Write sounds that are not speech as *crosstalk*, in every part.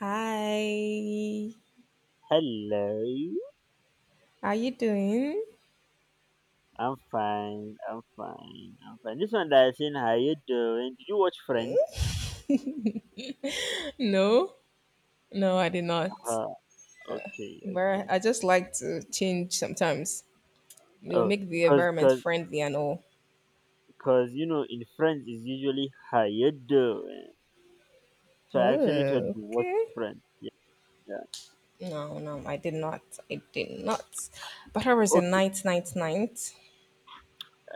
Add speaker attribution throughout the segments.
Speaker 1: Hi,
Speaker 2: Hello,
Speaker 1: are you doing?
Speaker 2: I'm fine. I'm fine. I'm fine. This one that I seen, how you doing? Did you watch Friends?
Speaker 1: No, no, I did not.
Speaker 2: Uh, okay,
Speaker 1: But
Speaker 2: okay.
Speaker 1: I just like to change sometimes. It'll
Speaker 2: Oh,
Speaker 1: make the
Speaker 2: cause,
Speaker 1: environment
Speaker 2: cause,
Speaker 1: friendly and all.
Speaker 2: cause, you know, in Friends is usually how you doing.
Speaker 1: Oh,
Speaker 2: So I actually told you watch
Speaker 1: okay.
Speaker 2: Friends. Yeah, yeah.
Speaker 1: No, no, I did not. I did not. But how was your
Speaker 2: Okay.
Speaker 1: night?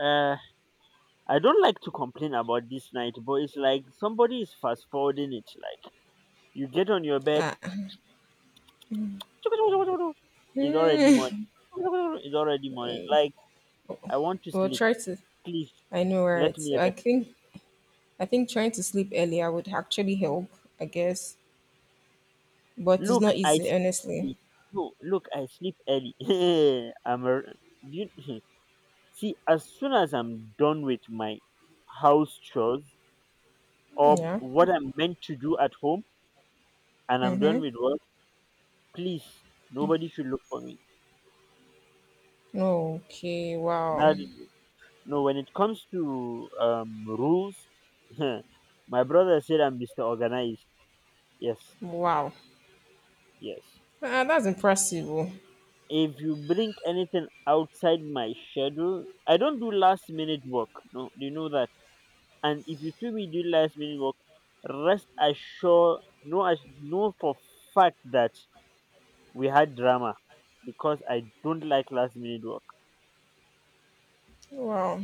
Speaker 2: Uh, I don't like to complain about this night, but it's like somebody is fast forwarding it. Like you get on your bed,
Speaker 1: Uh,
Speaker 2: *laughs* it's already morning.
Speaker 1: hmm.
Speaker 2: *laughs* It's already morning. Like I want to
Speaker 1: We'll
Speaker 2: sleep.
Speaker 1: try to.
Speaker 2: Please
Speaker 1: I know,
Speaker 2: let
Speaker 1: right?
Speaker 2: me
Speaker 1: I think. I think trying to sleep earlier would actually help. I guess, but it's
Speaker 2: look,
Speaker 1: not
Speaker 2: I
Speaker 1: easy,
Speaker 2: sleep
Speaker 1: honestly.
Speaker 2: early. No, look, I sleep early. *laughs* I'm a, you, see, as soon as I'm done with my house chores or
Speaker 1: Yeah.
Speaker 2: what I'm meant to do at home and I'm done with work, please, nobody should look for me.
Speaker 1: Okay. Wow.
Speaker 2: Not, no, when it comes to rules, *laughs* my brother said I'm Mr. Organized. Yes,
Speaker 1: Wow.
Speaker 2: yes.
Speaker 1: That's impressive. Oh.
Speaker 2: If you bring anything outside my schedule, I don't do last minute work. No, you know that. And if you see me do last minute work, rest assured, know, as- know for fact that we had drama because I don't like last minute work.
Speaker 1: Wow.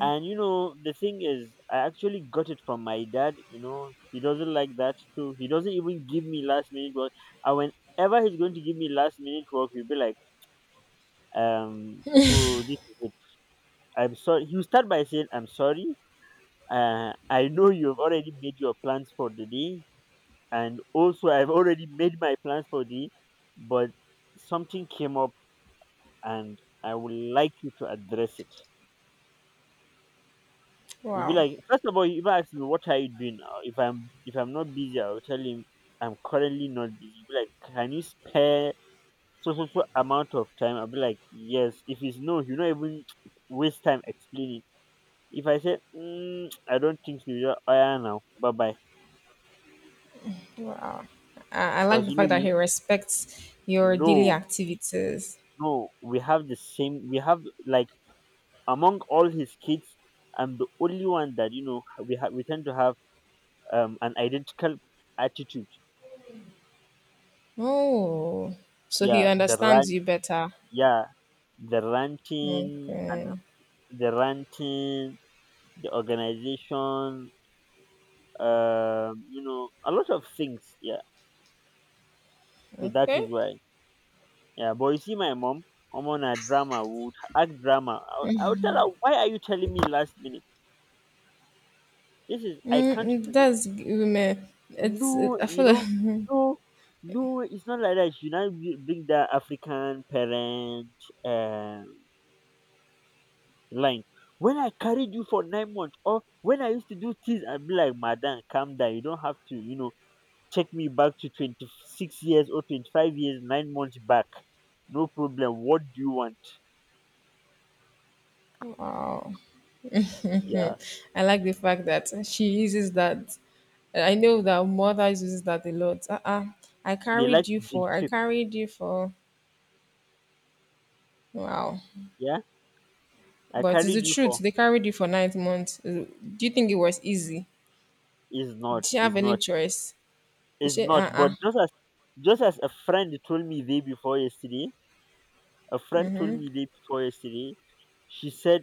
Speaker 2: And you know, the thing is, I actually got it from my dad. You know, he doesn't like that too. He doesn't even give me last minute work. And whenever he's going to give me last minute work, he'll be like, so this is it. I'm sorry. He'll start by saying, I'm sorry. I know you've already made your plans for the day, and also I've already made my plans for the but something came up and I would like you to address it. You'd be
Speaker 1: Wow.
Speaker 2: like, first of all, you even ask me what are you doing now? If I'm not busy, I'll tell him I'm currently not busy. You'd be like, can you spare so so so amount of time? I'll be like, yes. If it's no, you not even waste time explaining. If I say, mm, I don't think so, you're oh yeah now. Bye bye.
Speaker 1: Wow. I like
Speaker 2: Because
Speaker 1: the
Speaker 2: you
Speaker 1: fact
Speaker 2: know
Speaker 1: that
Speaker 2: we
Speaker 1: he respects your daily
Speaker 2: no
Speaker 1: activities.
Speaker 2: no we have the same we have like among all his kids, I'm the only one that you know we ha- we tend to have an identical attitude.
Speaker 1: Oh, so he
Speaker 2: Yeah, the
Speaker 1: understands
Speaker 2: rant,
Speaker 1: you better.
Speaker 2: yeah, the ranting and
Speaker 1: Okay.
Speaker 2: the ranting, the organization, you know, a lot of things. Yeah, so that
Speaker 1: Okay.
Speaker 2: is why. Yeah, but you see, my mom, I'm on a drama would act drama. I would tell her, why are you telling me last minute? This is I
Speaker 1: Mm,
Speaker 2: can't
Speaker 1: mm,
Speaker 2: do this.
Speaker 1: that's women. It's. It,
Speaker 2: No,
Speaker 1: I
Speaker 2: you
Speaker 1: feel like
Speaker 2: know,
Speaker 1: *laughs*
Speaker 2: no, no, it's not like that. You now b- bring that African parent uh, line. When I carried you for 9 months, or when I used to do things, I'd be like, madam, calm down. You don't have to, you know, take me back to 26 years or 25 years, 9 months back. No problem. What do you want?
Speaker 1: wow. Mhm.
Speaker 2: Yeah.
Speaker 1: I like the fact that she uses that. I know that mother uses that a lot. Uh-uh. I
Speaker 2: They
Speaker 1: carried
Speaker 2: like
Speaker 1: you
Speaker 2: to guilt.
Speaker 1: for. I carried you for. Wow.
Speaker 2: Yeah. I
Speaker 1: But it's
Speaker 2: carried
Speaker 1: the
Speaker 2: you
Speaker 1: truth.
Speaker 2: for.
Speaker 1: They carried you for 9 months. Do you think it was easy?
Speaker 2: It's not.
Speaker 1: Did she have
Speaker 2: It's
Speaker 1: any
Speaker 2: not.
Speaker 1: choice? They
Speaker 2: It's
Speaker 1: said,
Speaker 2: not. But just as a friend told me day before yesterday, a friend told me day before yesterday. She said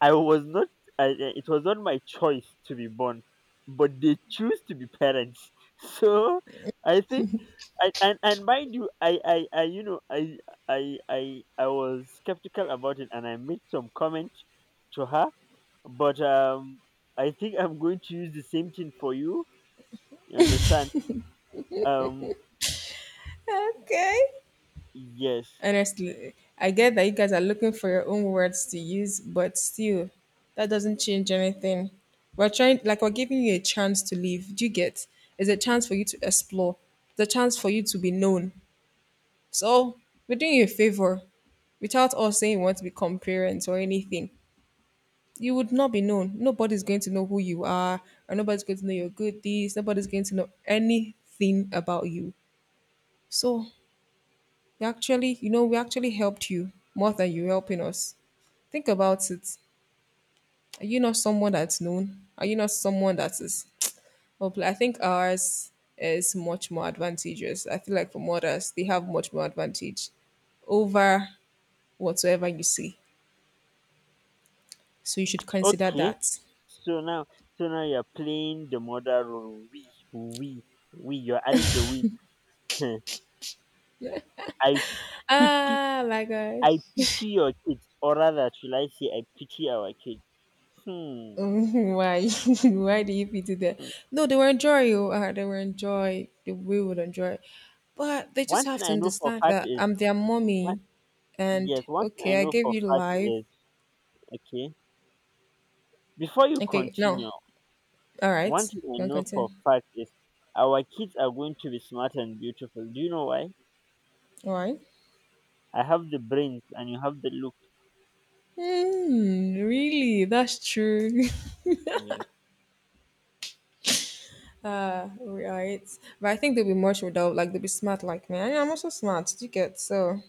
Speaker 2: I was not. It was not my choice to be born, but they choose to be parents. *laughs* So I think, and mind you, I you know I I was skeptical about it, and I made some comment to her. But I think I'm going to use the same thing for you. You understand? Um,
Speaker 1: okay.
Speaker 2: yes.
Speaker 1: Honestly, I get that you guys are looking for your own words to use, but still, that doesn't change anything. We're trying, like, we're giving you a chance to live. Do you get? It's a chance for you to explore, it's a chance for you to be known. So, we're doing you a favor without us saying we want to become parents or anything. You would not be known. Nobody's going to know who you are, and nobody's going to know your good deeds. Nobody's going to know anything about you. So, we actually, you know, we actually helped you more than you helping us. Think about it. Are you not someone that's known? Are you not someone that is? Well, I think ours is much more advantageous. I feel like for mothers, they have much more advantage over whatsoever you see. So you should consider
Speaker 2: Okay.
Speaker 1: that.
Speaker 2: So now, so now you're playing the mother role. We. You're adding the we. *laughs* I pity,
Speaker 1: Ah, my gosh.
Speaker 2: I pity your kids, or rather, should I say, I pity our kids. Hmm,
Speaker 1: Mhm. Why? *laughs* Why do you pity them?
Speaker 2: hmm.
Speaker 1: No, they will enjoy you. They will enjoy. They we will enjoy. But they just
Speaker 2: One thing
Speaker 1: have to
Speaker 2: I know for
Speaker 1: understand
Speaker 2: fact
Speaker 1: that
Speaker 2: is
Speaker 1: I'm their
Speaker 2: one.
Speaker 1: mommy, and
Speaker 2: Yes, one thing I
Speaker 1: okay, I
Speaker 2: know
Speaker 1: gave
Speaker 2: for
Speaker 1: you
Speaker 2: fact
Speaker 1: life.
Speaker 2: is okay. Before you
Speaker 1: Okay, no,
Speaker 2: continue,
Speaker 1: all right,
Speaker 2: one thing I
Speaker 1: you can
Speaker 2: know for
Speaker 1: continue.
Speaker 2: fact is our kids are going to be smart and beautiful. Do you know why?
Speaker 1: All right.
Speaker 2: I have the brains, and you have the look.
Speaker 1: Hmm, really? That's true. *laughs* Right. But I think they'll be much without, like, they'll be smart like me. I'm also smart, you get? So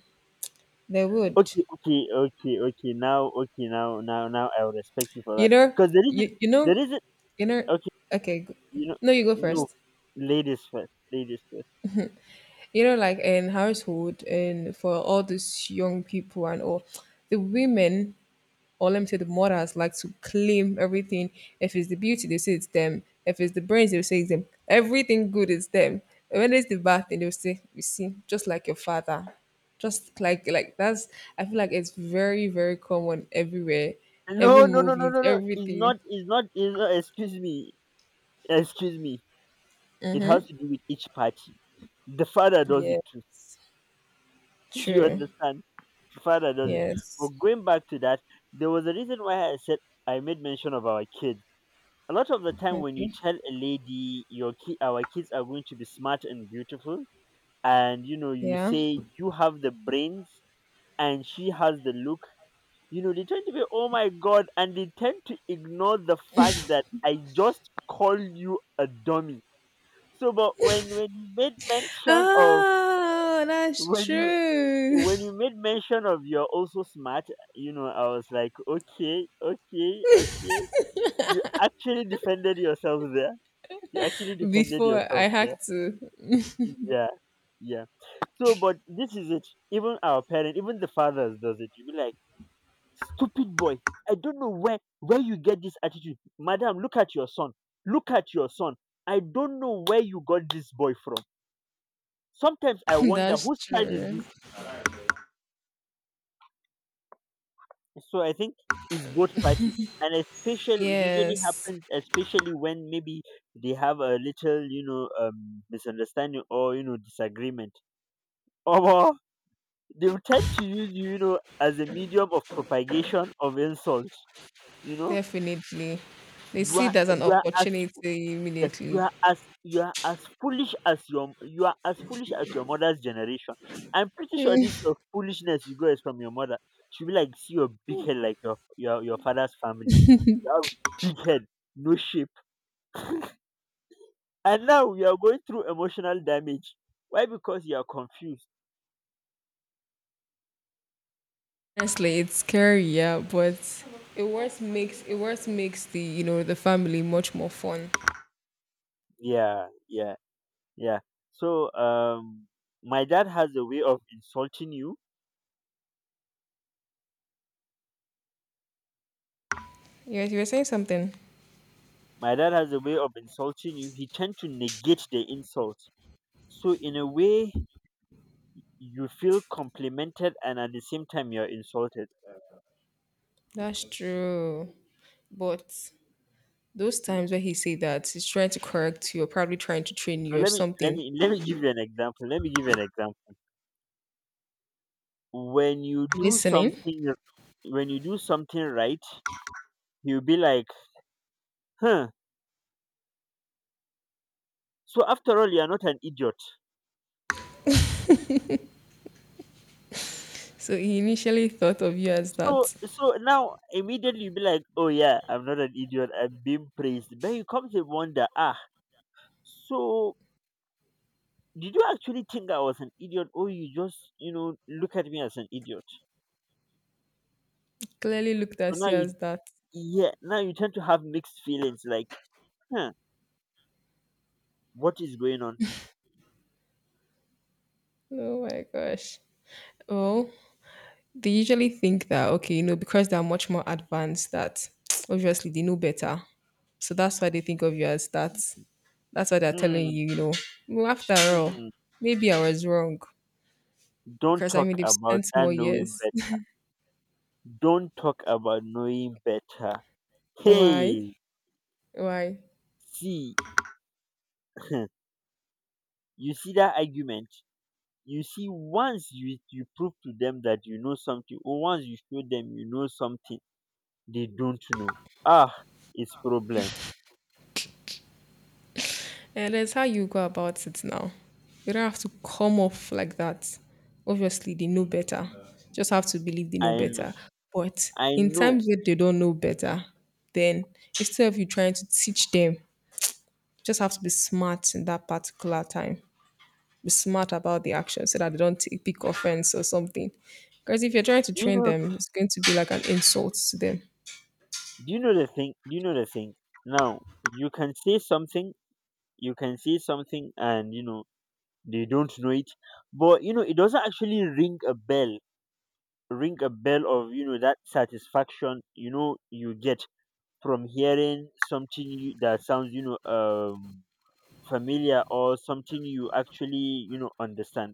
Speaker 1: they would.
Speaker 2: Okay, okay, okay, okay. Now, okay, now, now, now, I will respect you for
Speaker 1: You
Speaker 2: that.
Speaker 1: know,
Speaker 2: Because
Speaker 1: you you know,
Speaker 2: there isn't.
Speaker 1: you know. Okay,
Speaker 2: You know,
Speaker 1: no, you go
Speaker 2: no,
Speaker 1: first.
Speaker 2: ladies first, ladies first.
Speaker 1: You know, like in household and for all these young people and all, the women or let me say the mothers like to claim everything. If it's the beauty, they say it's them. If it's the brains, they say it's them. Everything good is them. And when it's the bad thing, they'll say, "You see, just like your father." Just like that's I feel like it's very common everywhere, every
Speaker 2: No, no, no, no,
Speaker 1: movies,
Speaker 2: no, no. It's
Speaker 1: everything.
Speaker 2: not, it's not, it's not. Excuse me, excuse me. It has to do with each party. The father does it
Speaker 1: Yeah,
Speaker 2: too. *laughs* You
Speaker 1: true.
Speaker 2: understand? The father does it.
Speaker 1: Yes.
Speaker 2: But going back to that, there was a reason why I said I made mention of our kids. A lot of the time, when you
Speaker 1: Okay.
Speaker 2: tell a lady your ki- our kids are going to be smart and beautiful, and you know you
Speaker 1: Yeah.
Speaker 2: say you have the brains and she has the look, you know they tend to be oh my god and they tend to ignore the fact that I just called you a dummy. So but when you made mention of
Speaker 1: Oh, that's
Speaker 2: when you
Speaker 1: true.
Speaker 2: when you made mention of you're also smart, you know I was like okay okay okay, you actually defended yourself there, you actually
Speaker 1: *laughs*
Speaker 2: defended
Speaker 1: Before I
Speaker 2: yourself there,
Speaker 1: had to.
Speaker 2: yeah. Yeah. So, but this is it. Even our parent, even the fathers, does it. You be like, stupid boy. I don't know where you get this attitude, madam. Look at your son. Look at your son. I don't know where you got this boy from. Sometimes I
Speaker 1: *laughs*
Speaker 2: wonder
Speaker 1: That's
Speaker 2: whose child is
Speaker 1: true.
Speaker 2: this. So I think it's both party, and especially it usually
Speaker 1: Yes,
Speaker 2: happens, especially when maybe they have a little, you know, misunderstanding or you know disagreement. *laughs* Oh, they will tend to use you, you know, as a medium of propagation of insult. You know,
Speaker 1: definitely. They see it as an
Speaker 2: you are as
Speaker 1: opportunity
Speaker 2: yes,
Speaker 1: immediately.
Speaker 2: you are as foolish as your you are as foolish as your mother's generation. I'm pretty sure this your foolishness you got is from your mother. She'll be like, see your big head like your father's family. You have big head, no shape, and now you are going through emotional damage. Why? Because you are confused.
Speaker 1: Honestly, it's scary, yeah, but it worth makes the, you know, the family much more fun.
Speaker 2: Yeah, yeah. Yeah. So my dad has a way of insulting you.
Speaker 1: Yes, you were saying something.
Speaker 2: My dad has a way of insulting you. He tend to negate the insult. So in a way you feel complimented and at the same time you're insulted.
Speaker 1: That's true. But those times where he say that he's trying to correct you or probably trying to train
Speaker 2: So
Speaker 1: you or something,
Speaker 2: let me give you an example. Let me give you an example. When you
Speaker 1: I'm
Speaker 2: do
Speaker 1: listening.
Speaker 2: something when you do something right, he will be like, huh. So after all you're not an idiot.
Speaker 1: So he initially thought of you as
Speaker 2: So
Speaker 1: that.
Speaker 2: so now immediately you be like, oh yeah, I'm not an idiot. I'm being praised. But you come to wonder, ah, so did you actually think I was an idiot, or you just you know look at me as an idiot?
Speaker 1: Clearly looked
Speaker 2: So
Speaker 1: at
Speaker 2: now
Speaker 1: you as
Speaker 2: you
Speaker 1: that.
Speaker 2: yeah now you tend to have mixed feelings like, huh, what is going on?
Speaker 1: Oh my gosh. Well, they usually think that okay, you know, because they are much more advanced that *tsk* obviously they know better. So that's why they think of you as that. That's why they're telling
Speaker 2: Hmm,
Speaker 1: you, you know, well, after all,
Speaker 2: hmm.
Speaker 1: maybe I was wrong.
Speaker 2: Don't
Speaker 1: Because I
Speaker 2: talk
Speaker 1: mean they've
Speaker 2: about
Speaker 1: spent
Speaker 2: that
Speaker 1: more
Speaker 2: knowing
Speaker 1: years.
Speaker 2: better. Don't talk about knowing better.
Speaker 1: *laughs* Why?
Speaker 2: Hey,
Speaker 1: Why?
Speaker 2: see, *laughs* you see that argument? You see, once you prove to them that you know something, or once you show them you know something they don't know, ah, it's problem.
Speaker 1: And that's how you go about it now. You don't have to come off like that. Obviously, they know better. Just have to believe they know
Speaker 2: I know.
Speaker 1: better. But
Speaker 2: I
Speaker 1: in
Speaker 2: know.
Speaker 1: times where they don't know better, then instead of you trying to teach them, you just have to be smart in that particular time. Be smart about the action so that they don't take, pick offense or something. Because if you're trying to
Speaker 2: Do you
Speaker 1: train
Speaker 2: know?
Speaker 1: them, it's going to be like an insult to them.
Speaker 2: Do you know the thing? Do you know the thing? Now you can say something. You can say something, and you know they don't know it. But you know it doesn't actually ring a bell. Ring a bell of you know that satisfaction. You know you get from hearing that sounds you know familiar or something you actually you know understand.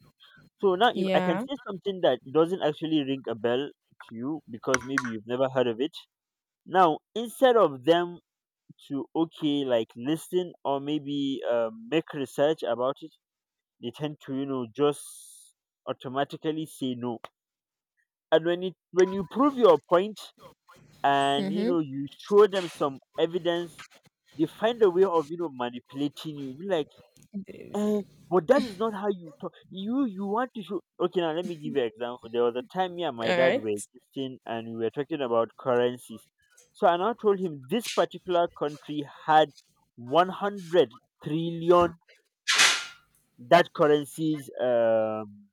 Speaker 2: So now if I can
Speaker 1: Yeah.
Speaker 2: say something that doesn't actually ring a bell to you because maybe you've never heard of it, now instead of them to okay like listen or maybe make research about it, they tend to you know just automatically say no, and when you prove your point and you
Speaker 1: Mm-hmm.
Speaker 2: know you show them some evidence, they find a way of you know manipulating you. Be like eh, but that is not how you talk. You want to show. Okay, now let me give you an example. There was a time me and my
Speaker 1: All
Speaker 2: dad were
Speaker 1: right.
Speaker 2: existing, and we were talking about currencies. So I now told him this particular country had 100 trillion that currency's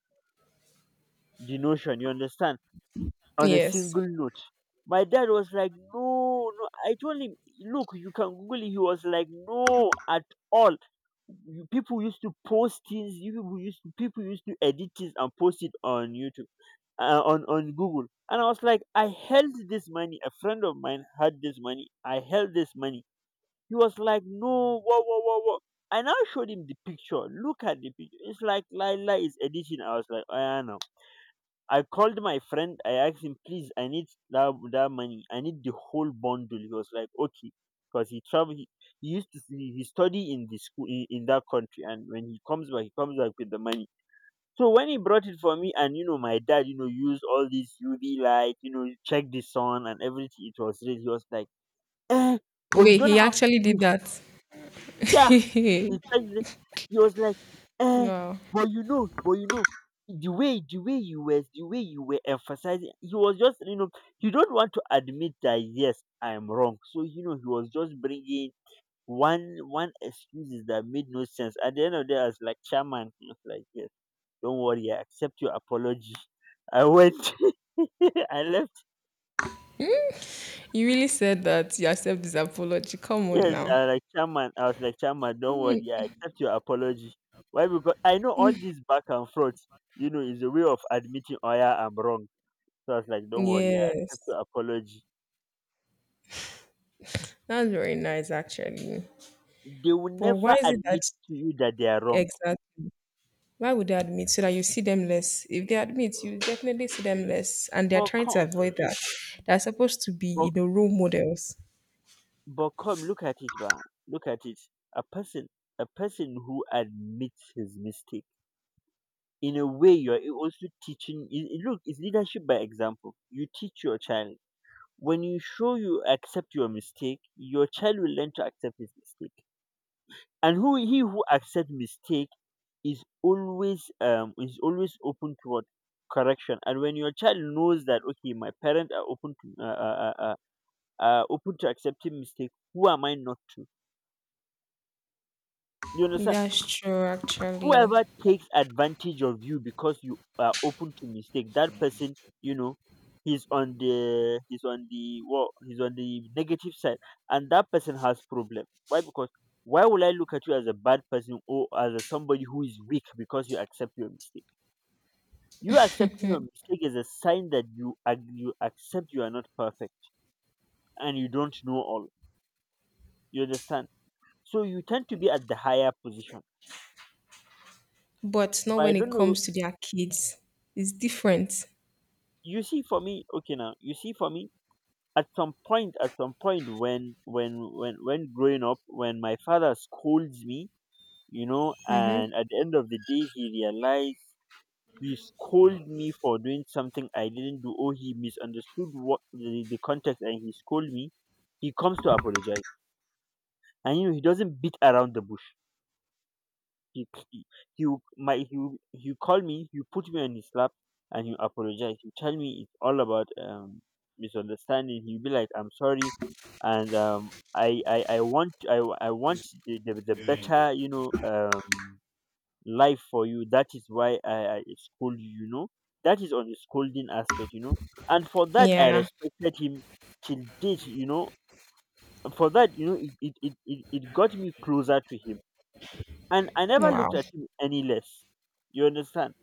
Speaker 2: denotion. You understand? On a
Speaker 1: Yes.
Speaker 2: single note, my dad was like, "No, no." I told him, "Look, you can Google it." He was like, "No, at all. You people used to post things, you people used to edit things and post it on YouTube, on Google." And I was like, I held this money, a friend of mine had this money, I held this money. He was like, no whoa whoa whoa whoa. And I now showed him the picture, look at the picture, it's like Lila is editing. I was like, I know. I called my friend. I asked him, "Please, I need that money. I need the whole bundle." He was like, "Okay," because he travel. He used to he study in the school in that country, and when he comes back with the money. So when he brought it for me, and you know, my dad, you know, used all this UV light, you know, check the sun and everything. It was red. He was like, eh, "But you
Speaker 1: Wait,
Speaker 2: don't
Speaker 1: he
Speaker 2: have
Speaker 1: actually
Speaker 2: to.
Speaker 1: did
Speaker 2: Give."
Speaker 1: that.
Speaker 2: Yeah, he tried to, he was like,
Speaker 1: *laughs*
Speaker 2: eh,
Speaker 1: Wow.
Speaker 2: but you know, the way you were emphasizing. He was just, you know, he don't want to admit that yes, I'm wrong. So you know, he was just bringing one excuses that made no sense. At the end of the day, I was like, "Chairman," he was like, "Yes." "Don't worry, I accept your apology." I went, *laughs* I left.
Speaker 1: You really said that you accept this apology. Come on
Speaker 2: Yes,
Speaker 1: now.
Speaker 2: I like chairman. I was like, "Chairman, don't worry, I accept your apology." Why? Because I know all this back and forth, you know, is a way of admitting, "Oh yeah, I'm wrong." So I was like, "Don't worry, I accept
Speaker 1: Yes,
Speaker 2: your apology."
Speaker 1: that's very nice actually.
Speaker 2: They will
Speaker 1: But why
Speaker 2: never
Speaker 1: is it that
Speaker 2: admit to you that they are wrong.
Speaker 1: exactly? Why would they admit so that you see them less? If they admit, you definitely see them less, and they're
Speaker 2: But
Speaker 1: trying to
Speaker 2: come,
Speaker 1: avoid
Speaker 2: see,
Speaker 1: that. They're supposed to be, you
Speaker 2: but
Speaker 1: know, role models.
Speaker 2: but come, look at it, man. Look at it. A person, a person who admits his mistake, in a way, you're also teaching. Look, it's leadership by example. You teach your child, when you show you accept your mistake, your child will learn to accept his mistake. And who, he who accepts mistake is always open toward correction. And when your child knows that, okay, my parents are open to open to accepting mistake, who am I not to? You understand?
Speaker 1: That's true, actually.
Speaker 2: Whoever takes advantage of you because you are open to mistake, that person, you know, he's on the, he's on the negative side, and that person has problem. Why? Because why will I look at you as a bad person or as a somebody who is weak because you accept your mistake? You accepting your mistake is a sign that you accept you are not perfect and you don't know all. You understand? So you tend to be at the higher position.
Speaker 1: But not
Speaker 2: But I
Speaker 1: when it
Speaker 2: don't know.
Speaker 1: comes to their kids. It's different.
Speaker 2: You see, for me, okay, now, you see, for me, at some point, when growing up, when my father scolds me, you know,
Speaker 1: Mm-hmm.
Speaker 2: and at the end of the day he realized he scolded me for doing something I didn't do, or he misunderstood what the context, and he scolded me, he comes to apologize. And you know, he doesn't beat around the bush. He You, my, you call me, you put me on his lap, and you apologize. You tell me it's all about misunderstanding. You be like, "I'm sorry, and I want the better, you know, life for you. That is why I scold you." You know, that is on the scolding aspect. You know, and for that I
Speaker 1: Yeah.
Speaker 2: respected him till date. You know, for that, you know, it got me closer to him, and I never
Speaker 1: Wow.
Speaker 2: looked at him any less. You understand?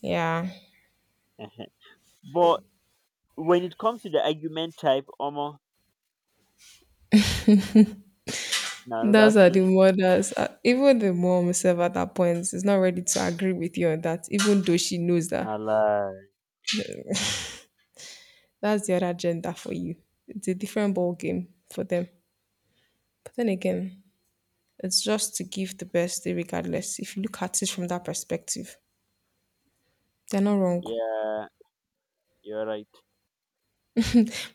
Speaker 1: Yeah.
Speaker 2: Ehen. But when it comes to the argument type, omo, now another
Speaker 1: That's are
Speaker 2: story.
Speaker 1: the mothers, even the mom herself at that point is not ready to agree with you on that, even though she knows that
Speaker 2: Now, lie.
Speaker 1: that's the other gender for you. It's a different ball game for them. But then again, it's just to give the best day regardless. If you look at it from that perspective, they're not wrong.
Speaker 2: Yeah, you're right.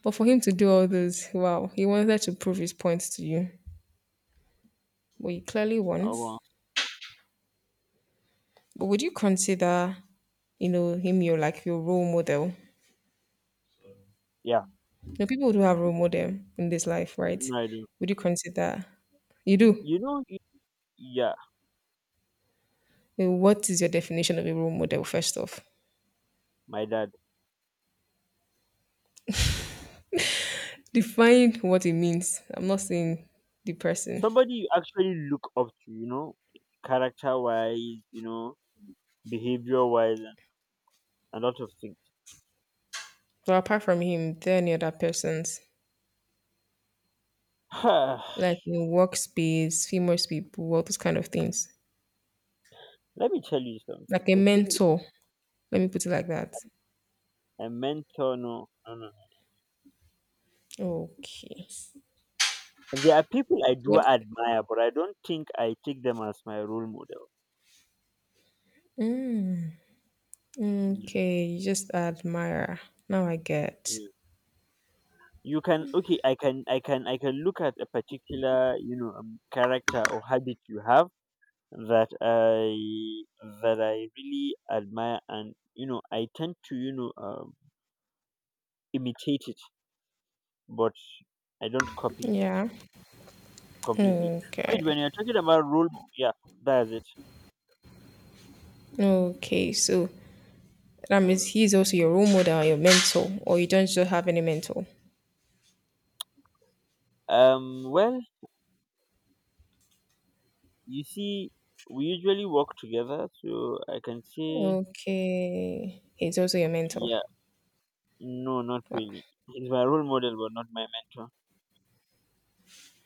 Speaker 1: But for him to do all those, wow, he wanted to prove his point to you. Well, he clearly won.
Speaker 2: Omo.
Speaker 1: But would you consider, you know, him your like your role model?
Speaker 2: Yeah.
Speaker 1: The people do have role model in this life, right?
Speaker 2: No, I do.
Speaker 1: Would you consider you do?
Speaker 2: You know, yeah,
Speaker 1: What is your definition of a role model? First off,
Speaker 2: my dad.
Speaker 1: define what it means. I'm not saying the person,
Speaker 2: Somebody you actually look up to, you know, character wise, you know, behavior wise, and a lot of things.
Speaker 1: but apart from him, there are any other persons
Speaker 2: *sighs*
Speaker 1: like in workspace, famous people, all those kind of things,
Speaker 2: Let me tell you something.
Speaker 1: like a
Speaker 2: The thing
Speaker 1: mentor. Let me put it like that.
Speaker 2: is, a mentor, no, no, no.
Speaker 1: Okay.
Speaker 2: There are people I do
Speaker 1: What?
Speaker 2: admire, but I don't think I take them as my role model. Y-
Speaker 1: Okay, you just admire. Now I get.
Speaker 2: yeah. You can, okay, I can look at a particular, you know, character or habit you have that I, that I really admire, and you know I tend to, you know, imitate it, but I don't copy it
Speaker 1: Yeah.
Speaker 2: completely. Wait,
Speaker 1: Okay.
Speaker 2: when you're talking about role, yeah, that's it.
Speaker 1: Okay. So that means he's also your role model, your mentor, or you don't just have any mentor.
Speaker 2: Well, you see, we usually work together, so I can say
Speaker 1: Okay, he's also your mentor.
Speaker 2: yeah. No, not
Speaker 1: Wow.
Speaker 2: really. He's my role model, but not my mentor.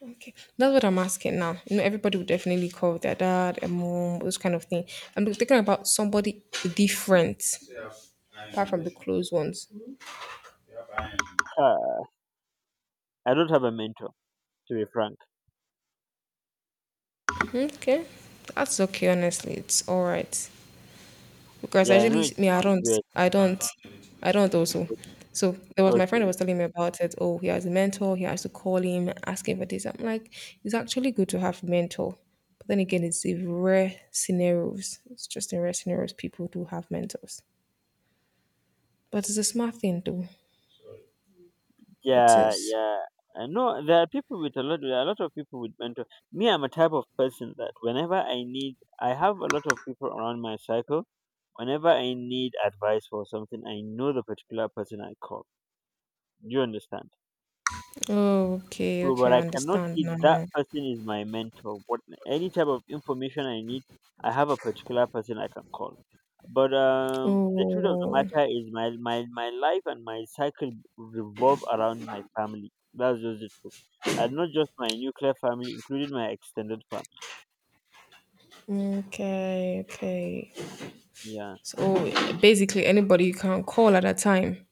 Speaker 1: Okay, that's what I'm asking now. You know, everybody would definitely call their dad, a mom, those kind of thing. I'm thinking about somebody different, apart from the close ones.
Speaker 2: Ha, I don't have a mentor, to be frank.
Speaker 1: Okay, that's okay. Honestly, it's all right. Because
Speaker 2: Yeah, I know
Speaker 1: actually,
Speaker 2: it
Speaker 1: me,
Speaker 2: sounds weird.
Speaker 1: I don't, I don't also. So there was my friend that
Speaker 2: Okay.
Speaker 1: was telling me about it. Oh, he has a mentor. He has to call him, ask him for this. I'm like, it's actually good to have a mentor. But then again, it's in rare scenarios. It's just in rare scenarios people do have mentors. But it's a smart thing, though. It
Speaker 2: Yeah,
Speaker 1: is.
Speaker 2: yeah. I know there are people with a lot. There are a lot of people with mentor. Me, I'm a type of person that whenever I need, I have a lot of people around my cycle. Whenever I need advice for something, I know the particular person I call. Do you understand?
Speaker 1: Okay,
Speaker 2: So,
Speaker 1: okay,
Speaker 2: but
Speaker 1: I
Speaker 2: I cannot
Speaker 1: understand
Speaker 2: see that
Speaker 1: now.
Speaker 2: person is my mentor. But any type of information I need, I have a particular person I can call. But the truth of the
Speaker 1: Oh,
Speaker 2: matter is, my, my life and my cycle revolve around my family. That's just the truth, and not just my nuclear family, including my extended family.
Speaker 1: okay, okay.
Speaker 2: Yeah,
Speaker 1: So basically, anybody you can call at a time.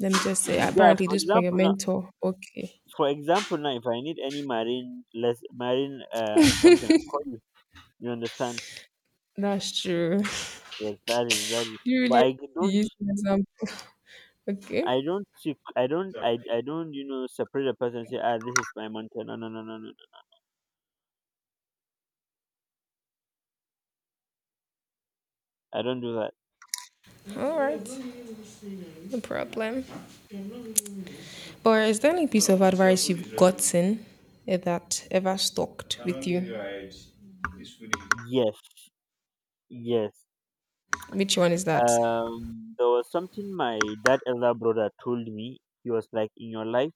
Speaker 1: Let me just say,
Speaker 2: yeah.
Speaker 1: apparently this for your mentor. Okay,
Speaker 2: For example, now if I need any marine, less marine something, I'll call you. You understand?
Speaker 1: that's true.
Speaker 2: Yes, that is, that is.
Speaker 1: *laughs* you
Speaker 2: But
Speaker 1: really
Speaker 2: I don't,
Speaker 1: use an example. Okay,
Speaker 2: I don't see, I don't, I don't, you know, separate a person and say, "Ah, this is my month," no, no, no, no, no, no. I don't do that.
Speaker 1: all right, no
Speaker 2: Yeah.
Speaker 1: problem. Or is there any piece of advice you've gotten that ever stuck with you?
Speaker 2: Yes. Yes.
Speaker 1: Which one is that?
Speaker 2: There was something my dad elder brother told me. He was like, "In your life,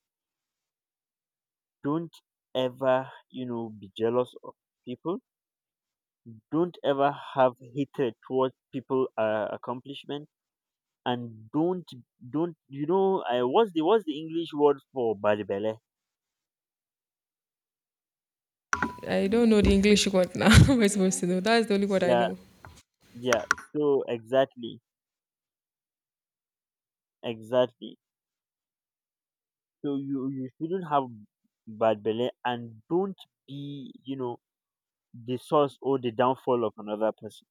Speaker 2: don't ever, you know, be jealous of people. Don't ever have hatred towards people accomplishment, and don't, you know, I, what's the English word for bad belly?"
Speaker 1: I don't know the English word now. *laughs* How am I supposed to know? That's the only word I
Speaker 2: Yeah.
Speaker 1: know.
Speaker 2: Yeah. So exactly, exactly. So you shouldn't have bad belly, and don't be, you know, the source or the downfall of another person.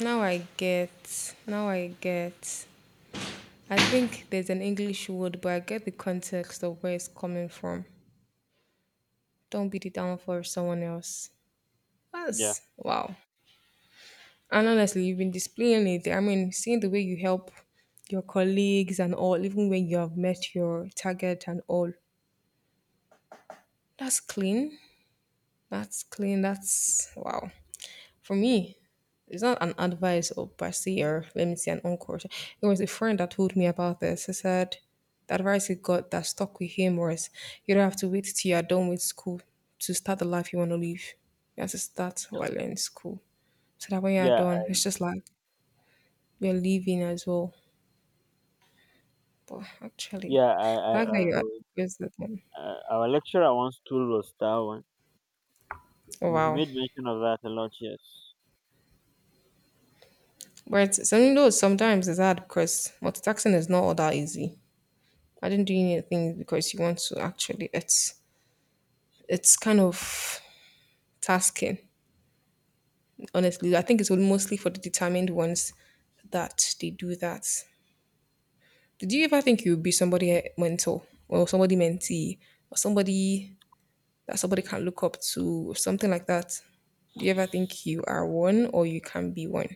Speaker 1: Now I get. I think there's an English word, but I get the context of where it's coming from. Don't beat it down for someone else.
Speaker 2: Yeah,
Speaker 1: That's wow. And honestly, you've been displaying it. I mean, seeing the way you help your colleagues and all, even when you have met your target and all. That's clean. That's clean. That's wow. For me, it's not an advice or per se or let me say an encore. It was a friend that told me about this. He said the advice he got that stuck with him was you don't have to wait till you're done with school to start the life you want to live. You have to start while you're in school so that when you're
Speaker 2: yeah,
Speaker 1: done, it's just like you're leaving as well. But actually,
Speaker 2: yeah. I
Speaker 1: I
Speaker 2: I,
Speaker 1: like that
Speaker 2: I,
Speaker 1: you addressed that one.
Speaker 2: I our lecturer once told us that one.
Speaker 1: Oh,
Speaker 2: He
Speaker 1: wow.
Speaker 2: made mention of that a lot. Yes.
Speaker 1: But it's- I know sometimes it's hard because multitasking is not all that easy. I didn't do anything because you want to actually, it's kind of tasking, honestly. I think it's mostly for the determined ones that they do that. Did you ever think you'd be somebody eh, mentor or somebody mentee or somebody that somebody can look up to, or something like that? Do you ever think you are one or you can be one?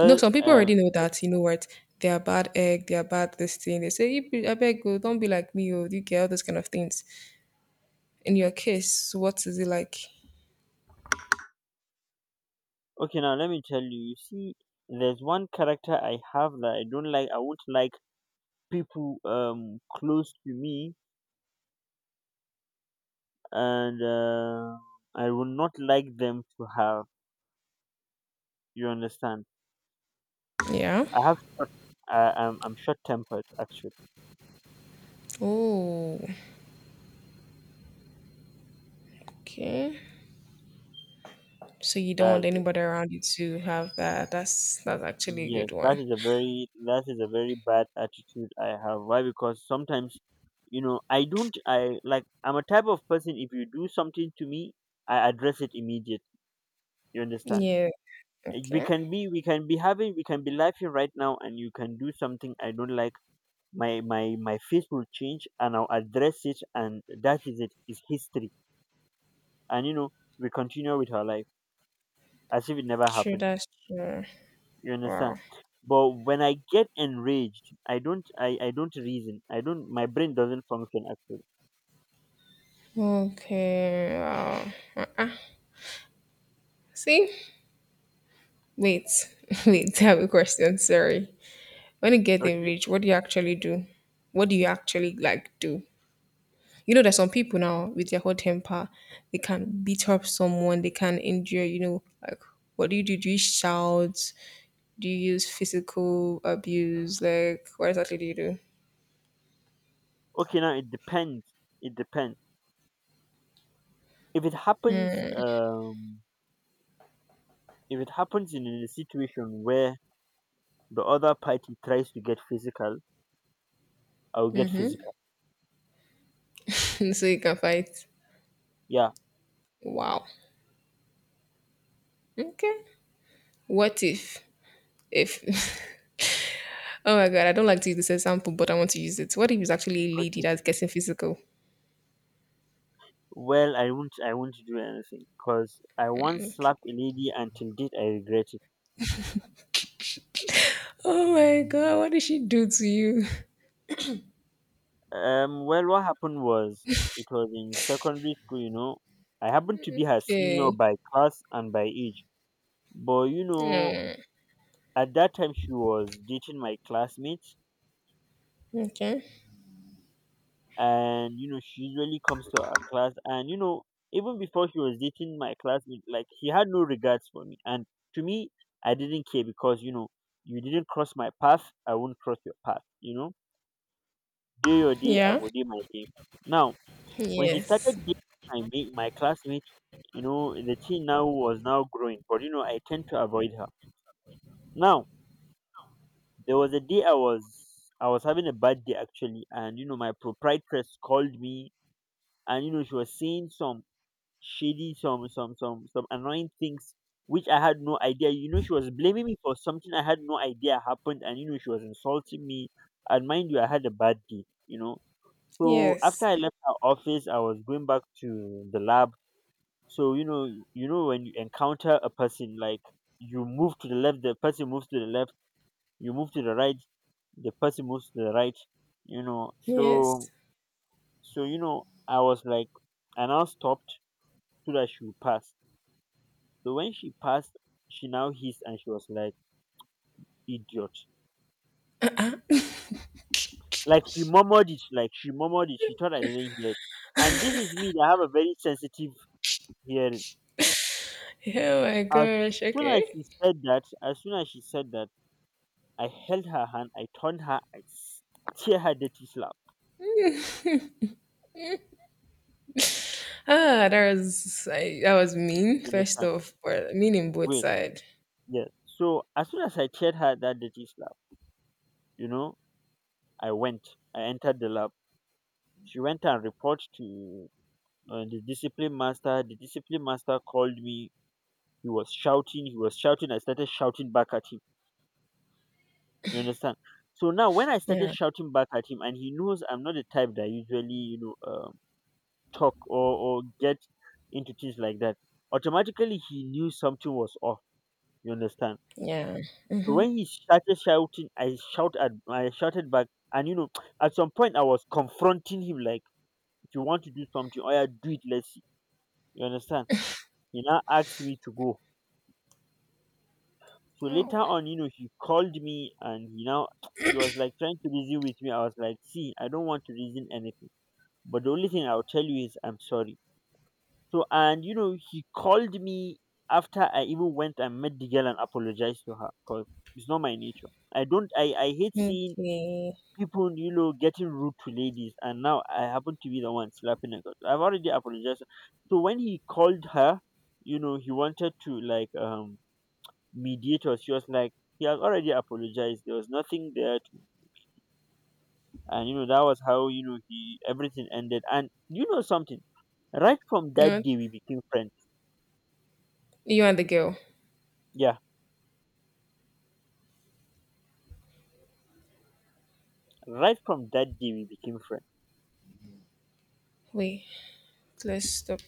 Speaker 1: You know, some people already know that, you know what, they are bad egg, they are bad this thing. They say, "You be- I beg you, don't be like me, or you get all those kind of things." In your case, what is it like?
Speaker 2: okay. Now let me tell you. You see, there's one character I have that I don't like. I won't like people, close to me, and I will not like them to have. You understand?
Speaker 1: Yeah.
Speaker 2: I have, I'm I'm short tempered actually.
Speaker 1: Oh, okay. So you don't want
Speaker 2: That's it.
Speaker 1: anybody around you to have that. That's actually a
Speaker 2: Yes,
Speaker 1: good
Speaker 2: that
Speaker 1: one.
Speaker 2: is a very, that is a very bad attitude I have. Why? Because sometimes, you know, I don't, I like, I'm a type of person. If you do something to me, I address it immediately. You understand?
Speaker 1: Yeah. Okay.
Speaker 2: We can be having we can be laughing right now, and you can do something I don't like. My face will change, and I'll address it, and that is it. It's history, and you know we continue with our life as if it never
Speaker 1: True.
Speaker 2: happened.
Speaker 1: That's true.
Speaker 2: You
Speaker 1: Wow.
Speaker 2: understand? But when I get enraged, I don't, I don't reason. I don't, my brain doesn't function actually.
Speaker 1: Okay. Wow. Uh-uh. See, wait, *laughs* wait, I have a question. Sorry. When you get
Speaker 2: Okay.
Speaker 1: rich, what do you actually do? What do you actually like do? You know, there's some people now with their hot temper, they can beat up someone, they can injure, you know, like what do you do? Do you shout? Do you use physical abuse? Like what exactly do you do?
Speaker 2: Okay, now it depends. It depends. If it happens, if it happens in a situation where the other party tries to get physical, I'll get physical.
Speaker 1: *laughs* so you can fight.
Speaker 2: Yeah.
Speaker 1: Wow. Okay. What if *laughs* oh my god, I don't like to use this example, but I want to use it. What if it's actually a lady
Speaker 2: Okay.
Speaker 1: that's getting physical?
Speaker 2: Well, I won't do anything because I once
Speaker 1: Okay.
Speaker 2: slapped a lady, and till date I regret it.
Speaker 1: Oh my god, what did she do to you? *laughs*
Speaker 2: Well, what happened was it was in secondary school, you know. I happened to be her senior
Speaker 1: Okay.
Speaker 2: by class and by age, but you know, at that time she was dating my classmates,
Speaker 1: Okay.
Speaker 2: and you know, she usually comes to our class, and you know, even before she was dating my classmate, like, she had no regards for me, and to me, I didn't care because, you know, you didn't cross my path, I won't cross your path, you know. Day your day, I
Speaker 1: Yeah.
Speaker 2: go day my day. Now, when she
Speaker 1: Yes.
Speaker 2: started dating my mate, my classmate, you know, the teen now was now growing, but you know, I tend to avoid her. Now, there was a day I was having a bad day actually, and you know, my proprietress called me, and you know, she was saying some shady, some annoying things which I had no idea. You know, she was blaming me for something I had no idea happened, and you know, she was insulting me. And mind you, I had a bad day, you know. So after
Speaker 1: Yes.
Speaker 2: I left her office, I was going back to the lab. So you know, you know, when you encounter a person, like, you move to the left, the person moves to the left, you move to the right, the person moves to the right, you know. So
Speaker 1: Yes.
Speaker 2: so you know, I was like, I now stopped so that she would pass. So when she passed, she now hissed, and she was like, "Idiot," like, she murmured it, like, she murmured it, she thought I didn't hear it, and this is me that have a very sensitive hearing.
Speaker 1: Oh my
Speaker 2: as
Speaker 1: gosh.
Speaker 2: soon as
Speaker 1: Okay.
Speaker 2: she said that as soon as she said that, I held her hand, I turned her, tear her dirty slap.
Speaker 1: Ah, that was I, that was mean.
Speaker 2: You
Speaker 1: First
Speaker 2: understand?
Speaker 1: off, but mean in both
Speaker 2: Wait,
Speaker 1: sides.
Speaker 2: yes. So as soon as I teared her that dirty slap, you know, I went, I entered the lab. She went and reported to the discipline master. The discipline master called me. He was shouting. I started shouting back at him. You understand? So now when I started
Speaker 1: Yeah.
Speaker 2: shouting back at him, and he knows I'm not the type that usually, you know, talk or get into things like that, automatically he knew something was off. You understand?
Speaker 1: Yeah.
Speaker 2: So
Speaker 1: Mm-hmm.
Speaker 2: when he started shouting, I shouted back, and you know, *tsk* at some point I was confronting him like, "If you want to do something, oh yeah, do it. Let's see." You understand? He now asked me to go. So
Speaker 1: Oh.
Speaker 2: later on, you know, he called me, and he now *tsk* he was like trying to reason with me. I was like, "See, I don't want to reason anything. But the only thing I'll tell you is I'm sorry." So, and you know, he called me after I even went and met the girl and apologized to her, because it's not my nature. I don't, I hate
Speaker 1: Okay.
Speaker 2: seeing
Speaker 1: You
Speaker 2: people, you know, getting rude to ladies, and now I happen to be the one slapping her, 'cause I've already apologized. So when he called her, you know, he wanted to like mediate us. She was like, "He has already apologized. There was nothing there," to, and you know that was how, you know, he, everything ended. And you know something, right from
Speaker 1: know
Speaker 2: that
Speaker 1: what?
Speaker 2: day we became friends.
Speaker 1: You and the girl.
Speaker 2: Yeah, right from that day we became friends.
Speaker 1: Wait. Let's stop.